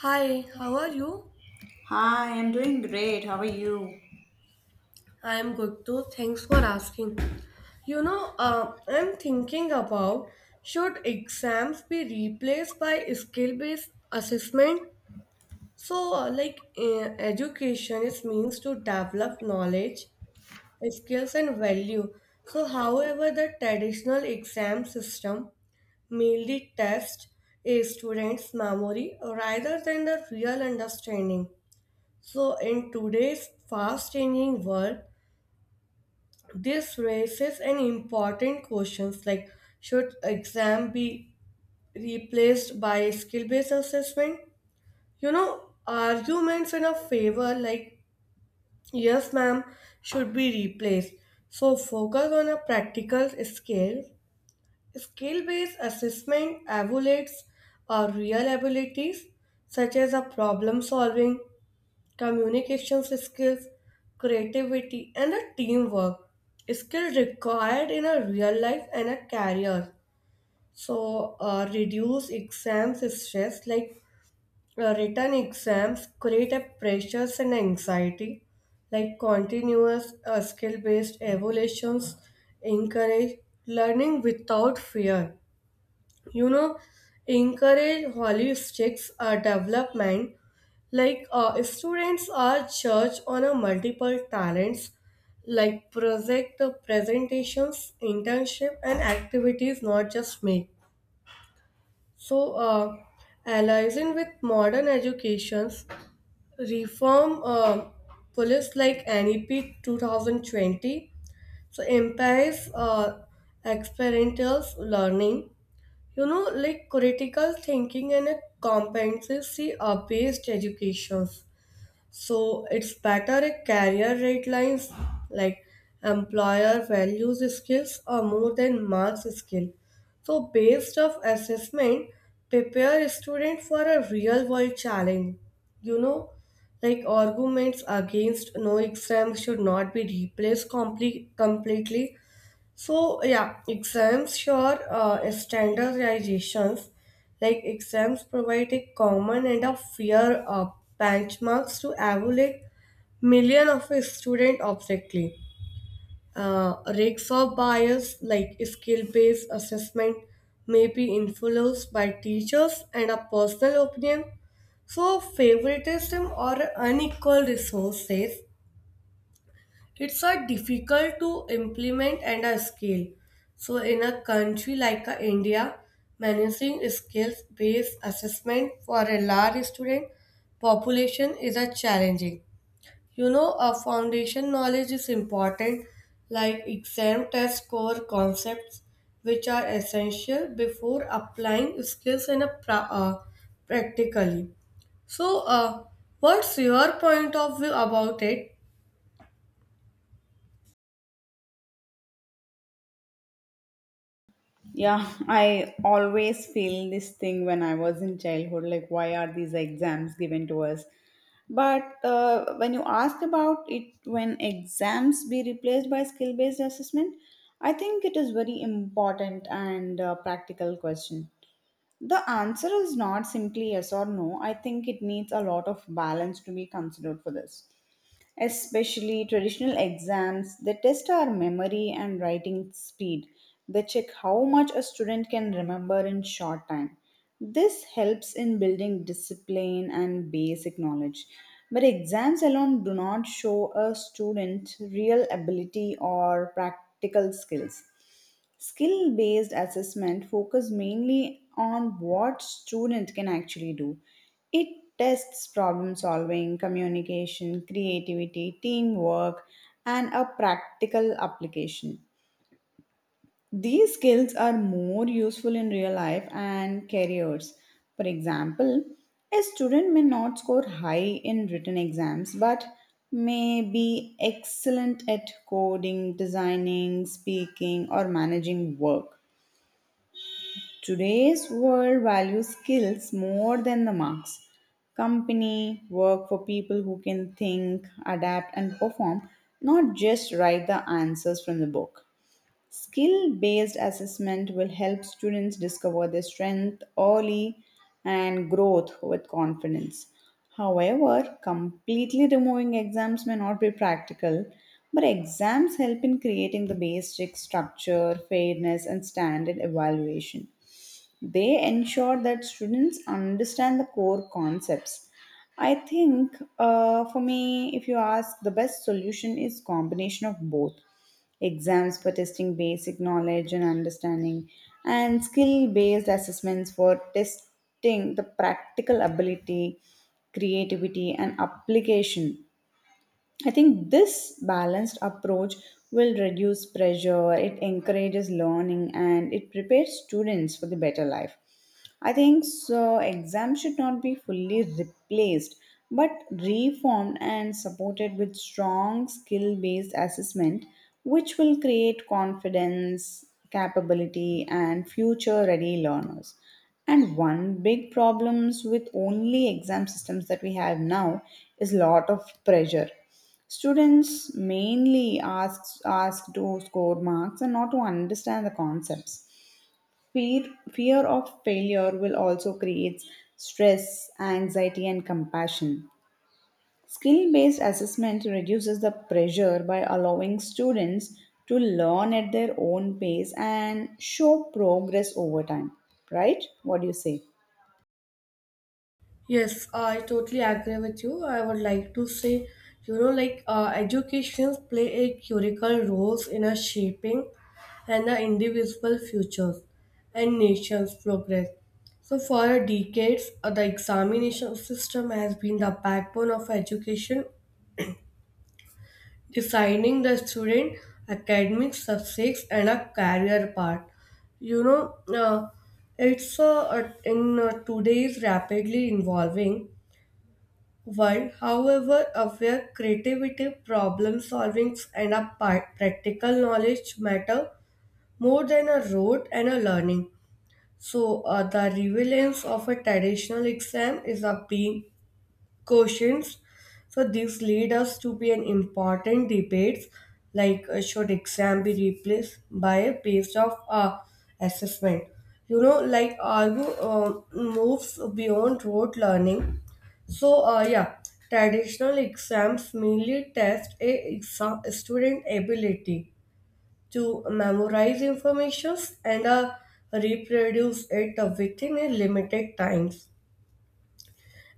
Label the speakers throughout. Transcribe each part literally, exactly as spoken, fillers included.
Speaker 1: Hi, how are you?
Speaker 2: Hi, I'm doing great. How are you?
Speaker 1: I'm good too. Thanks for asking. You know, uh, I'm thinking about should exams be replaced by skill-based assessment? So, uh, like, uh, education is means to develop knowledge, skills, and value. So, however, the traditional exam system mainly tests a student's memory rather than the real understanding. So, in today's fast changing world, this raises an important questions like should exam be replaced by skill-based assessment? You know, arguments in a favor like yes ma'am should be replaced. So focus on a practical scale. Skill-based assessment evaluates our real abilities such as a problem solving communication skills, creativity, and a teamwork skill required in a real life and a career. So uh, reduce exams stress like uh, written exams create a pressures and anxiety like continuous uh, skill based evaluations encourage learning without fear you know encourage holistic uh, development like uh, students are judged on a multiple talents like project uh, presentations internship and activities not just make so uh, aligning with modern educations reform uh, police like NEP two thousand twenty so empowers uh, experiential learning you know like critical thinking and a competency are based educations so it's better a career guidelines like employer values skills are more than marks skill so based of assessment prepare a student for a real world challenge you know like arguments against no exam should not be replaced comple- completely so yeah, exams sure. uh, standardizations like exams provide a common and a fair uh, benchmarks to evaluate million of a student objectively. Uh, risks of bias like skill-based assessment may be influenced by teachers and a personal opinion. So favoritism or unequal resources it's a difficult to implement and a scale so in a country like a india managing skills based assessment for a large student population is a challenging you know a foundation knowledge is important like exam test core concepts which are essential before applying skills in a pra- uh, practically. So uh, what's your point of view about it?
Speaker 2: Yeah, I always feel this thing when I was in childhood like, why are these exams given to us? But uh, when you ask about it, when exams be replaced by skill based assessment, I think it is very important and uh, practical question. The answer is not simply yes or no. I think it needs a lot of balance to be considered for this. Especially traditional exams, they test our memory and writing speed. They check how much a student can remember in short time. This helps in building discipline and basic knowledge. But exams alone do not show a student real ability or practical skills. Skill based assessment focus mainly on what student can actually do. It tests problem solving, communication, creativity, teamwork and a practical application. These skills are more useful in real life and careers. For example, a student may not score high in written exams but may be excellent at coding, designing, speaking or managing work. Today's world values skills more than the marks. Company work for people who can think, adapt, and perform, not just write the answers from the book. Skill based assessment will help students discover their strength early and growth with confidence. However, completely removing exams may not be practical, but exams help in creating the basic structure, fairness, and standard evaluation. They ensure that students understand the core concepts. I think uh, for me, if you ask, the best solution is combination of both exams for testing basic knowledge and understanding, and skill-based assessments for testing the practical ability, creativity, and application. I think this balanced approach will reduce pressure, it encourages learning, and it prepares students for the better life. I think so. Exams should not be fully replaced, but reformed and supported with strong skill based assessment, which will create confidence, capability, and future ready learners. And one big problems with only exam systems that we have now is lot of pressure. Students mainly ask, ask to score marks and not to understand the concepts. Fear, fear of failure will also create stress, anxiety, and compassion. Skill based assessment reduces the pressure by allowing students to learn at their own pace and show progress over time. Right? What do you say?
Speaker 1: Yes, I totally agree with you. I would like to say, you know, like uh, educations play a critical roles in a shaping and the individual futures and nation's progress. So for decades, uh, the examination system has been the backbone of education, deciding the student academic success and a career path. You know, uh, it's uh, uh, in uh, today's rapidly evolving while, however, aware creativity, problem solving, and a pa- practical knowledge matter more than a rote and a learning. So, uh, the relevance of a traditional exam is a being questions. So this lead us to be an important debates like uh, should exam be replaced by a based of uh, assessment. You know, like argue uh, moves beyond rote learning. So uh, yeah, traditional exams mainly test a exa- student ability to memorize information and uh, reproduce it within a limited times.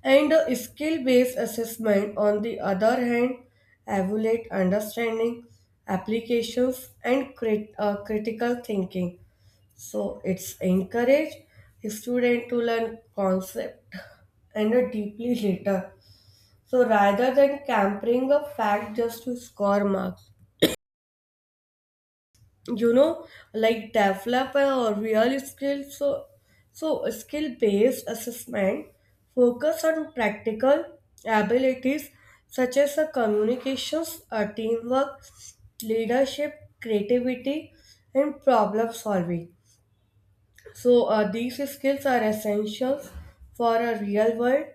Speaker 1: And a skill-based assessment, on the other hand, evaluate understanding, applications, and crit- uh, critical thinking. So it's encourage student to learn concept and a deeply later. So rather than campering a fact just to score marks you know like develop a real skill so so skill based assessment focus on practical abilities such as uh, communications uh, teamwork leadership creativity and problem solving so uh, these skills are essentials for a real world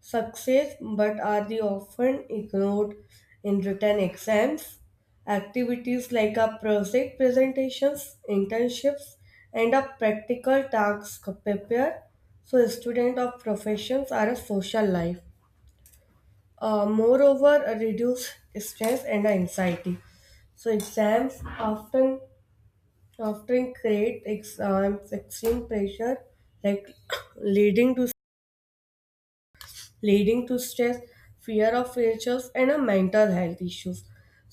Speaker 1: success, but are they often ignored in written exams? Activities like a project presentations, internships, and a practical tasks prepare. So students of professions are a social life. Uh, moreover, uh, reduce stress and anxiety. So exams often often create ex- um, extreme pressure like leading to leading to stress fear of failures and a mental health issues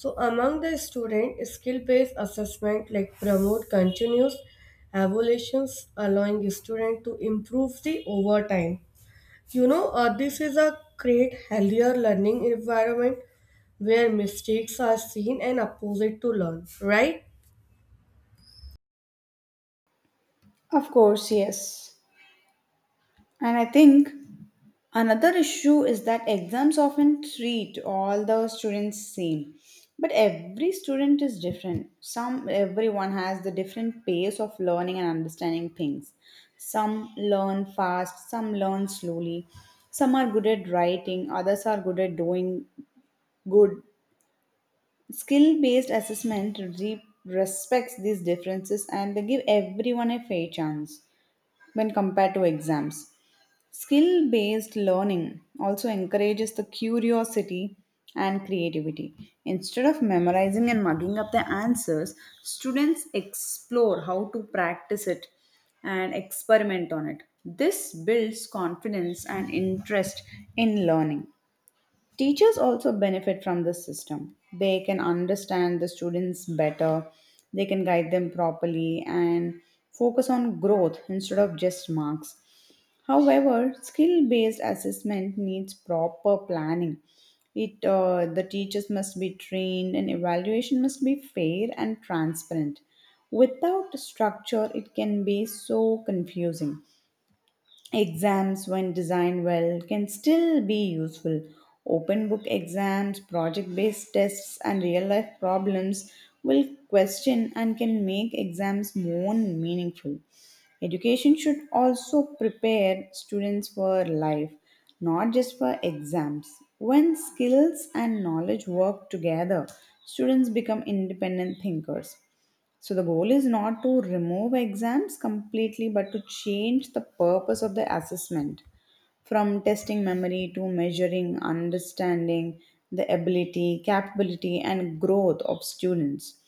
Speaker 1: so among the student skill based assessment like promote continuous evaluations allowing student to improve the over time you know uh, this is a create healthier learning environment where mistakes are seen and opposite to learn right?
Speaker 2: Of course, yes. And I think another issue is that exams often treat all the students same, but every student is different. Some everyone has the different pace of learning and understanding things. Some learn fast, some learn slowly. Some are good at writing, others are good at doing good. Skill-based assessment re- respects these differences and they give everyone a fair chance when compared to exams. Skill based learning also encourages the curiosity and creativity. Instead of memorizing and mugging up the answers, students explore how to practice it and experiment on it. This builds confidence and interest in learning. Teachers also benefit from this system. They can understand the students better, they can guide them properly, and focus on growth instead of just marks. However, skill based assessment needs proper planning. It, uh, the teachers must be trained and evaluation must be fair and transparent. Without structure, it can be so confusing. Exams, when designed well, can still be useful. Open book exams, project based tests, and real life problems will question and can make exams more meaningful. Education should also prepare students for life, not just for exams. When skills and knowledge work together, students become independent thinkers. So the goal is not to remove exams completely, but to change the purpose of the assessment from testing memory to measuring understanding, the ability, capability, and growth of students.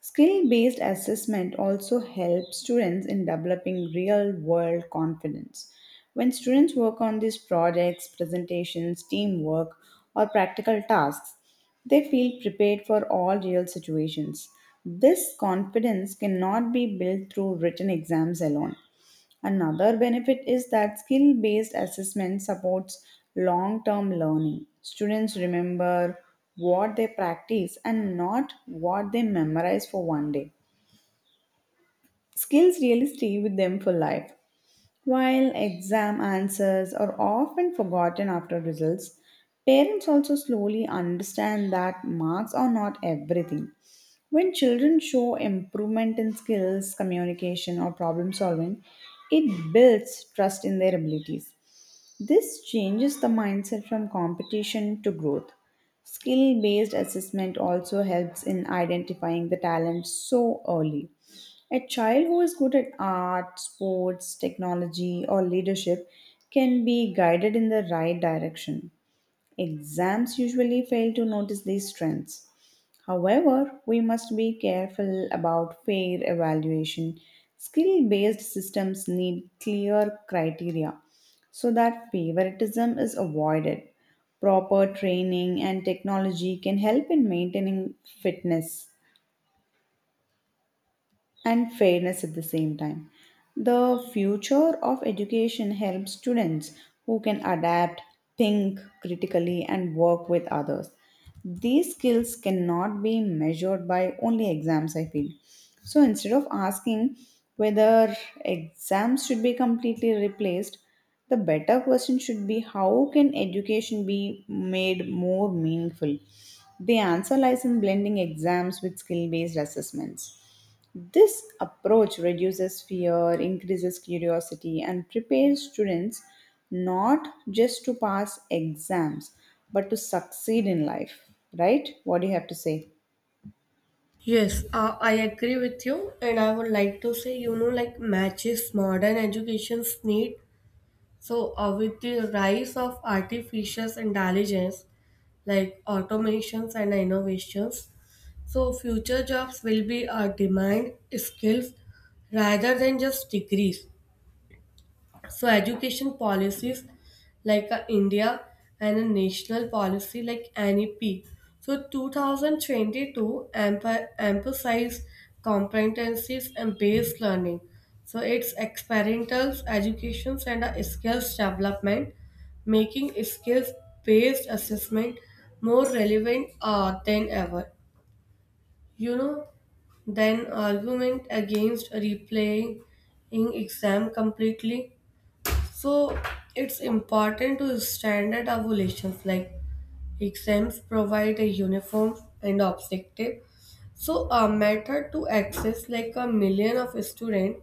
Speaker 2: Skill based assessment also helps students in developing real world confidence. When students work on these projects, presentations, teamwork, or practical tasks, they feel prepared for all real situations. This confidence cannot be built through written exams alone. Another benefit is that skill based assessment supports long term learning. Students remember what they practice and not what they memorize for one day. Skills really stay with them for life. While exam answers are often forgotten after results, parents also slowly understand that marks are not everything. When children show improvement in skills, communication, or problem solving, it builds trust in their abilities. This changes the mindset from competition to growth. Skill based assessment also helps in identifying the talent so early. A child who is good at art, sports, technology, or leadership can be guided in the right direction. Exams usually fail to notice these strengths. However, we must be careful about fair evaluation. Skill based systems need clear criteria so that favoritism is avoided. Proper training and technology can help in maintaining fitness and fairness at the same time. The future of education helps students who can adapt, think critically, and work with others. These skills cannot be measured by only exams, I feel. So instead of asking whether exams should be completely replaced, the better question should be how can education be made more meaningful? The answer lies in blending exams with skill based assessments. This approach reduces fear, increases curiosity, and prepares students not just to pass exams but to succeed in life. Right? What do you have to say?
Speaker 1: Yes, uh, I agree with you, and I would like to say, you know, like matches modern education's need. So, uh, with the rise of artificial intelligence, like automations and innovations, so future jobs will be uh, demand skills rather than just degrees. So education policies like uh, India and a national policy like N E P. So twenty twenty-two empha- emphasized competencies and based learning. So it's experimental education and uh, skills development, making skills based assessment more relevant uh, than ever. You know, then argument against replaying exam completely so it's important to standard ovulations like exams provide a uniform and objective. So a method to access like a million of student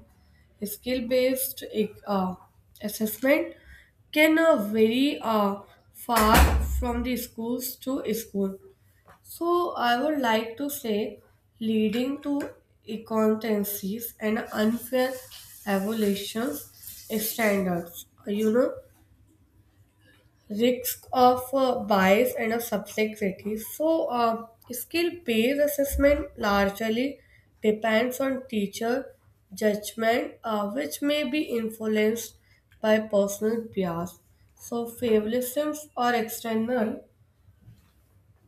Speaker 1: skill based uh, assessment can uh, vary uh, far from the schools to school. So I would like to say leading to inconsistencies and unfair evaluation standards. You know, risk of uh, bias and of subjectivity. So uh, skill-based assessment largely depends on teacher judgment, uh, which may be influenced by personal bias. So favoritisms or external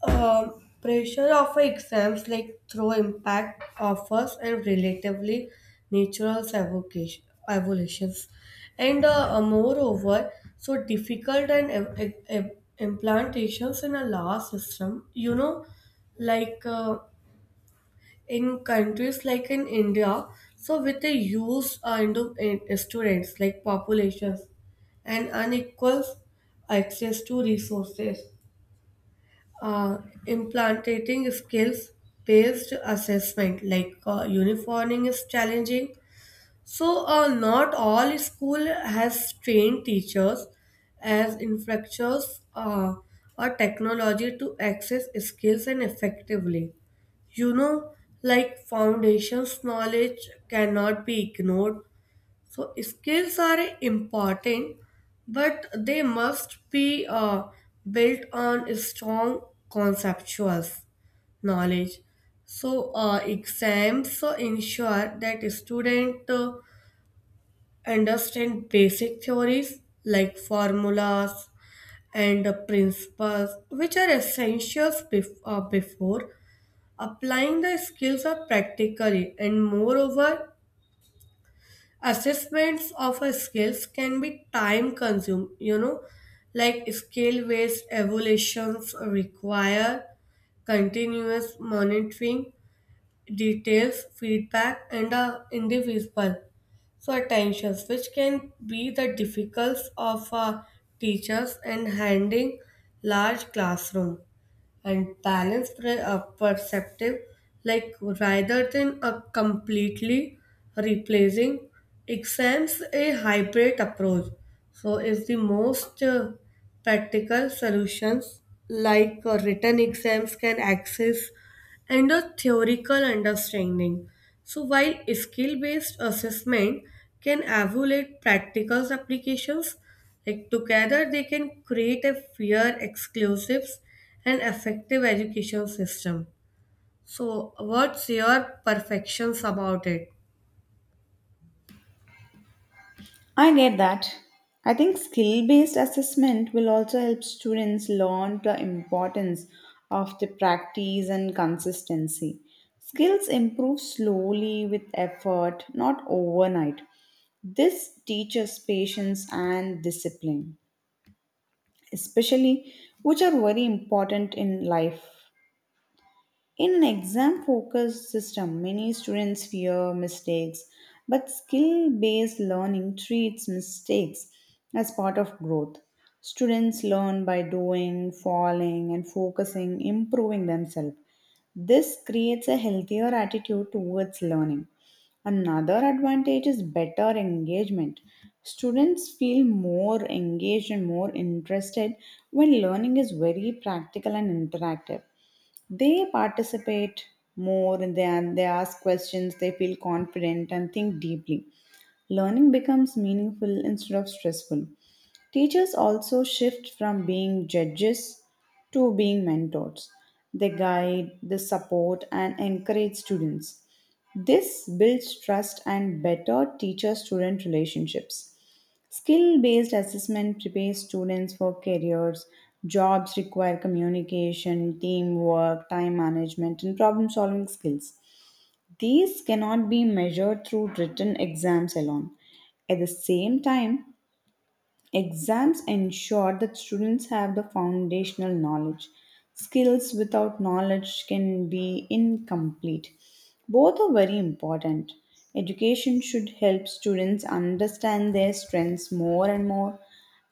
Speaker 1: um, pressure of exams like through impact offers and relatively natural evocation, evolutions and uh, uh, moreover so difficult and im- im- im- implantations in a law system you know like uh, in countries like in india so with a huge uh, Indo- in- students like populations and unequal access to resources uh, implanting skills based assessment like uh, uniforming is challenging so uh, not all school has trained teachers as infrastructures uh, or technology to access skills and effectively you know like foundations knowledge cannot be ignored so skills are important, but they must be uh, built on strong conceptual knowledge. So uh, exams uh, ensure that student uh, understand basic theories like formulas and uh, principles, which are essentials bef- uh, before applying the skills are practically and moreover assessments of a skills can be time consumed you know like skill based evaluations require continuous monitoring details, feedback, and the individual so attentions, which can be the difficulties of uh, teachers and handling large classroom and balance pre- uh, perceptive like rather than a completely replacing exams a hybrid approach so is the most uh, practical solutions like uh, written exams can access and a theoretical understanding. So, while skill based assessment can evaluate practical applications, like together they can create a fair, exclusive, and effective education system. So, what's your perfections about it?
Speaker 2: I get that. I think skill based assessment will also help students learn the importance of the practice and consistency. Skills improve slowly with effort, not overnight. This teaches patience and discipline, especially which are very important in life. In an exam focused system, many students fear mistakes, but skill based learning treats mistakes as part of growth. Students learn by doing, falling, and focusing, improving themselves. This creates a healthier attitude towards learning. Another advantage is better engagement. Students feel more engaged and more interested when learning is very practical and interactive. They participate more than they ask questions, they feel confident and think deeply. Learning becomes meaningful instead of stressful. Teachers also shift from being judges to being mentors. They guide, they support, and encourage students. This builds trust and better teacher student relationships. Skill based assessment prepares students for careers. Jobs require communication, teamwork, time management, and problem solving skills. These cannot be measured through written exams alone. At the same time, exams ensure that students have the foundational knowledge. Skills without knowledge can be incomplete. Both are very important. Education should help students understand their strengths more and more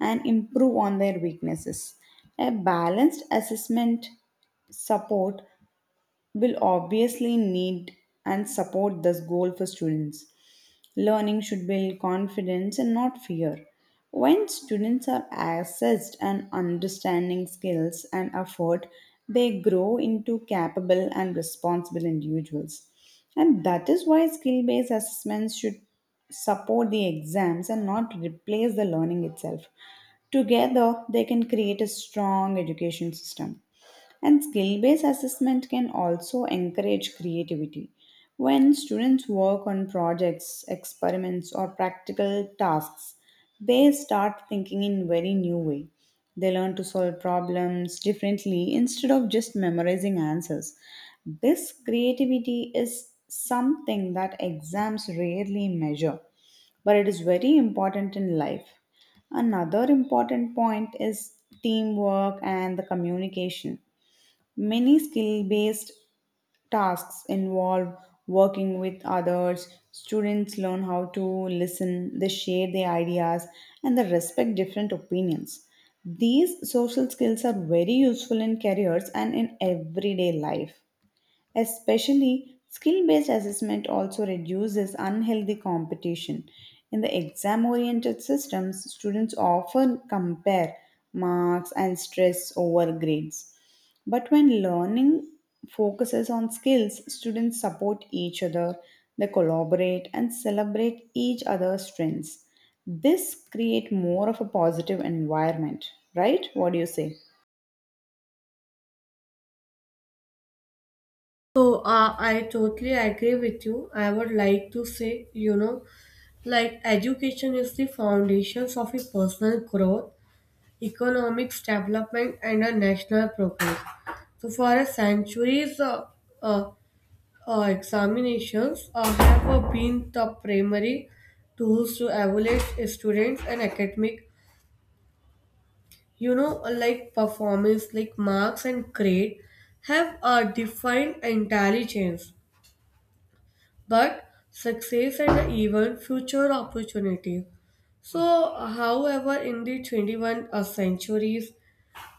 Speaker 2: and improve on their weaknesses. A balanced assessment support will obviously need and support this goal for students. Learning should build confidence and not fear. When students are assessed and understanding skills and effort, they grow into capable and responsible individuals. And that is why skill based assessments should support the exams and not replace the learning itself. Together, they can create a strong education system. And skill based assessment can also encourage creativity. When students work on projects, experiments, or practical tasks, they start thinking in very new way. They learn to solve problems differently instead of just memorizing answers. This creativity is something that exams rarely measure, but it is very important in life. Another important point is teamwork and the communication. Many skill based tasks involve working with others. Students learn how to listen, they share their ideas, and they respect different opinions. These social skills are very useful in careers and in everyday life. Especially skill based assessment also reduces unhealthy competition. In the exam oriented systems, students often compare marks and stress over grades. But when learning focuses on skills, students support each other, they collaborate and celebrate each other's strengths. This create more of a positive environment, right? What do you say?
Speaker 1: So, uh, I totally agree with you. I would like to say, you know, like education is the foundations of a personal growth economics development and a national progress. So for a centuries, uh, uh, uh, examinations uh, have uh, been the primary tools to evaluate students and academic, you know, uh, like performance, like marks and grade have uh, defined intelligence, but success and even future opportunities. So, however, in the twenty-first century,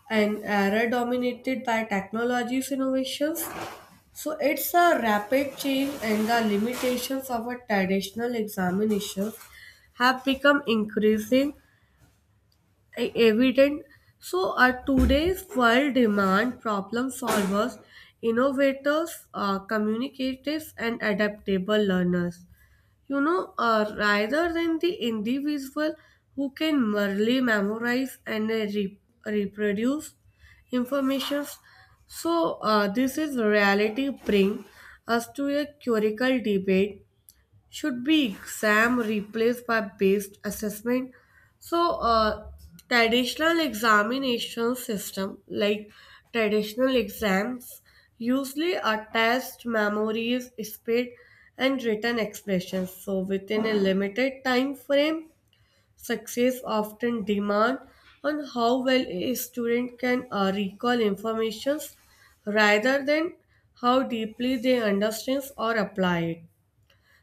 Speaker 1: an era dominated by technology's innovations. So it's a rapid change and the limitations of a traditional examinations have become increasing e- evident. So our today's world demand problem solvers, innovators, uh, communicators and adaptable learners you know, uh, rather than the individual who can merely memorize and uh, re- reproduce informations. So uh, this is reality bring us to a curical debate should be exam replaced by based assessment so uh, traditional examination system like traditional exams usually attest memories speed and written expressions so within a limited time frame success often demand on how well a student can uh, recall informations rather than how deeply they understand or apply it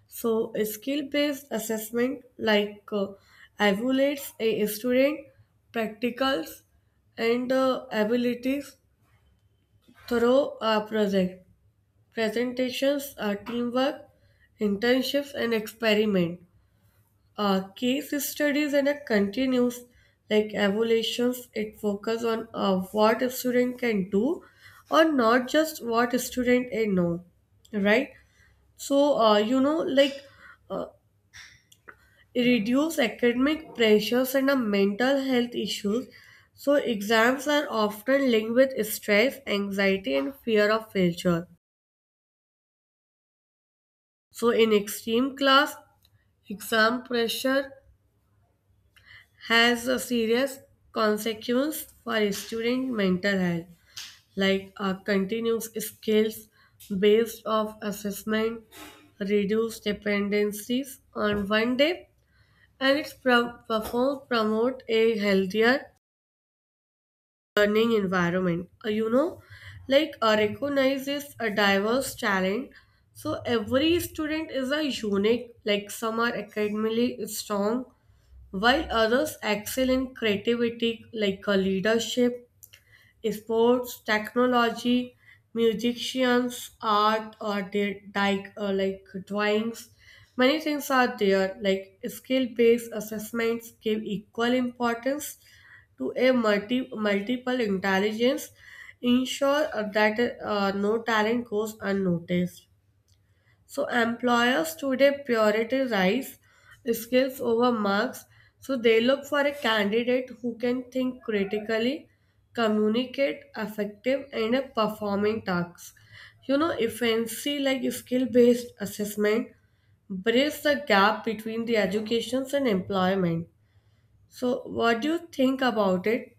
Speaker 1: so, a skill based assessment like uh, evaluates a student practicals and uh, abilities through a project, presentations, uh, teamwork, internships, and experiment. Uh, case studies and a continuous like evaluations, it focus on uh, what a student can do or not just what a student a know, right? So, uh, you know, like uh, reduce academic pressures and uh, mental health issues. So, exams are often linked with stress, anxiety, and fear of failure. So, in extreme class, exam pressure has a serious consequence for student mental health, like uh, continuous skills based off assessment, reduce dependencies on one day, and it pro- perform promote a healthier learning environment. Uh, you know, like uh, recognizes a diverse talent. So every student is a unique. Like some are academically strong, while others excel in creativity, like uh, leadership sports, technology, musicians, art, or their like, uh, like drawings. Many things are there, like skill-based assessments give equal importance to a multi, multiple intelligence, ensure uh, that uh, no talent goes unnoticed. So employers today prioritize skills over marks. So they look for a candidate who can think critically, communicate effective and a performing tasks. You know, efficiency like skill-based assessment bridges the gap between the educations and employment. So what do you think about it?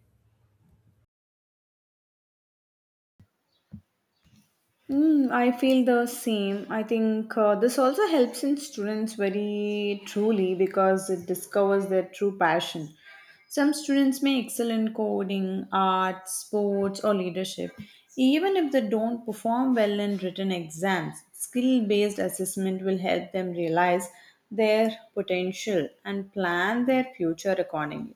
Speaker 2: Mm, I feel the same. I think uh, this also helps in students very truly because it discovers their true passion. Some students may excel in coding, art, sports, or leadership, even if they don't perform well in written exams. Skill based assessment will help them realize their potential and plan their future accordingly.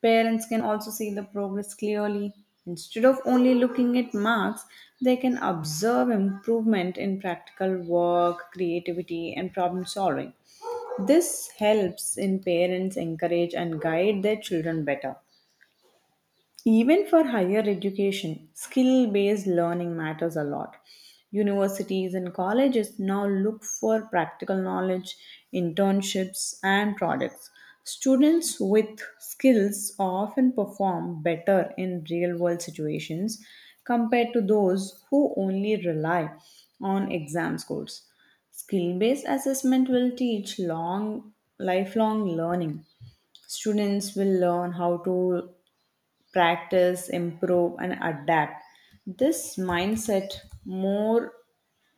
Speaker 2: Parents can also see the progress clearly. Instead of only looking at marks, they can observe improvement in practical work, creativity, and problem solving. This helps in parents encourage and guide their children better. Even for higher education, skill based learning matters a lot. Universities and colleges now look for practical knowledge, internships, and projects. Students with skills often perform better in real world situations compared to those who only rely on exam scores. Skill based assessment will teach long lifelong learning. Students will learn how to practice, improve, and adapt. This mindset more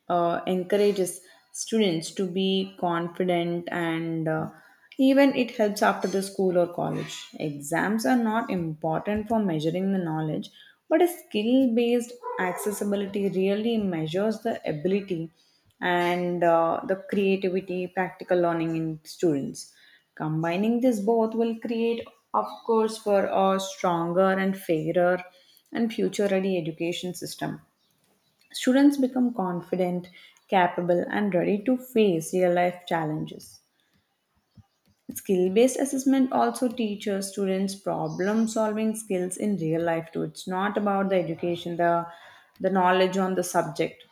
Speaker 2: uh, encourages students to be confident, and uh, even it helps after the school or college. Exams are not important for measuring the knowledge, but a skill based accessibility really measures the ability and uh, the creativity, practical learning in students. Combining this both will create, of course, for a stronger and fairer and future ready education system. Students become confident, capable, and ready to face real life challenges. Skill based assessment also teaches students problem solving skills in real life too. It's not about the education, the, the knowledge on the subject.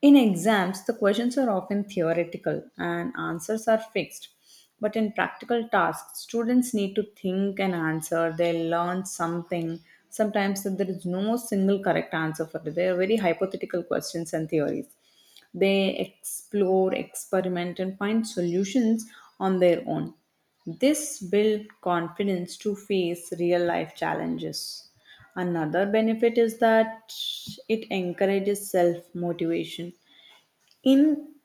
Speaker 2: In exams, the questions are often theoretical and answers are fixed. But in practical tasks, students need to think and answer. They learn something. Sometimes there is no single correct answer for it. They are very hypothetical questions and theories. They explore, experiment, and find solutions on their own. This builds confidence to face real life challenges. Another benefit is that it encourages self motivation. In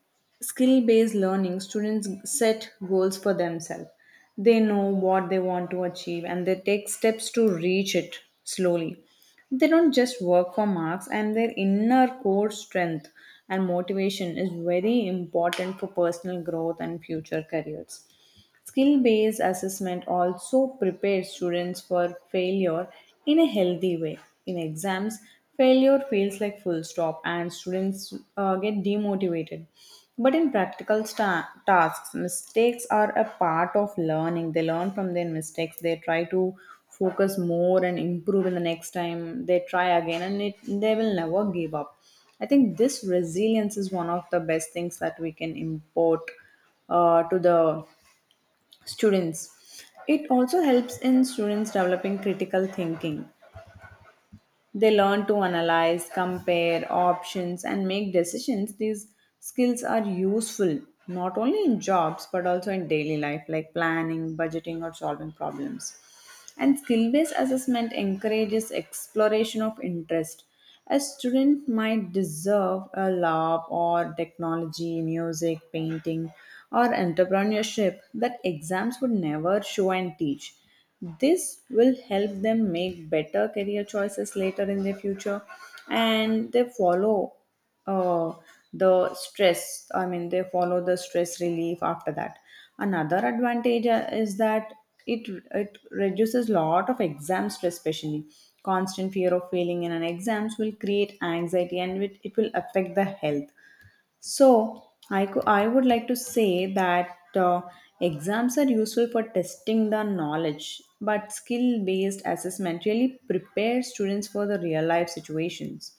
Speaker 2: skill based learning, students set goals for themselves. They know what they want to achieve and they take steps to reach it slowly. They don't just work for marks, and their inner core strength and motivation is very important for personal growth and future careers. Skill based assessment also prepares students for failure in a healthy way. In exams, failure feels like full stop and students uh, get demotivated. But in practical sta- tasks, mistakes are a part of learning. They learn from their mistakes, they try to focus more and improve in the next time, they try again, and it, they will never give up. I think this resilience is one of the best things that we can import uh, to the students. It also helps in students developing critical thinking. They learn to analyze, compare options, and make decisions. These skills are useful not only in jobs but also in daily life, like planning, budgeting, or solving problems. And skill based assessment encourages exploration of interest. A student might deserve a lab or technology, music, painting, or entrepreneurship that exams would never show and teach. This will help them make better career choices later in their future and they follow Oh, the stress. I mean, they follow the stress relief after that. Another advantage uh, is that it it reduces lot of exam stress, especially constant fear of failing in an exams will create anxiety and it, it will affect the health. So I could I would like to say that uh, exams are useful for testing the knowledge, but skill based assessment really prepares students for the real life situations.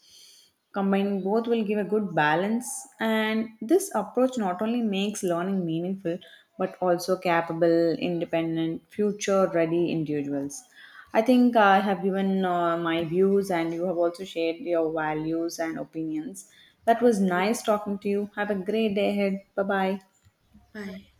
Speaker 2: Combining both will give a good balance, and this approach not only makes learning meaningful but also capable, independent, future ready individuals. I think I have given uh, my views, and you have also shared your values and opinions. That was nice talking to you. Have a great day ahead. Bye bye.
Speaker 1: Bye.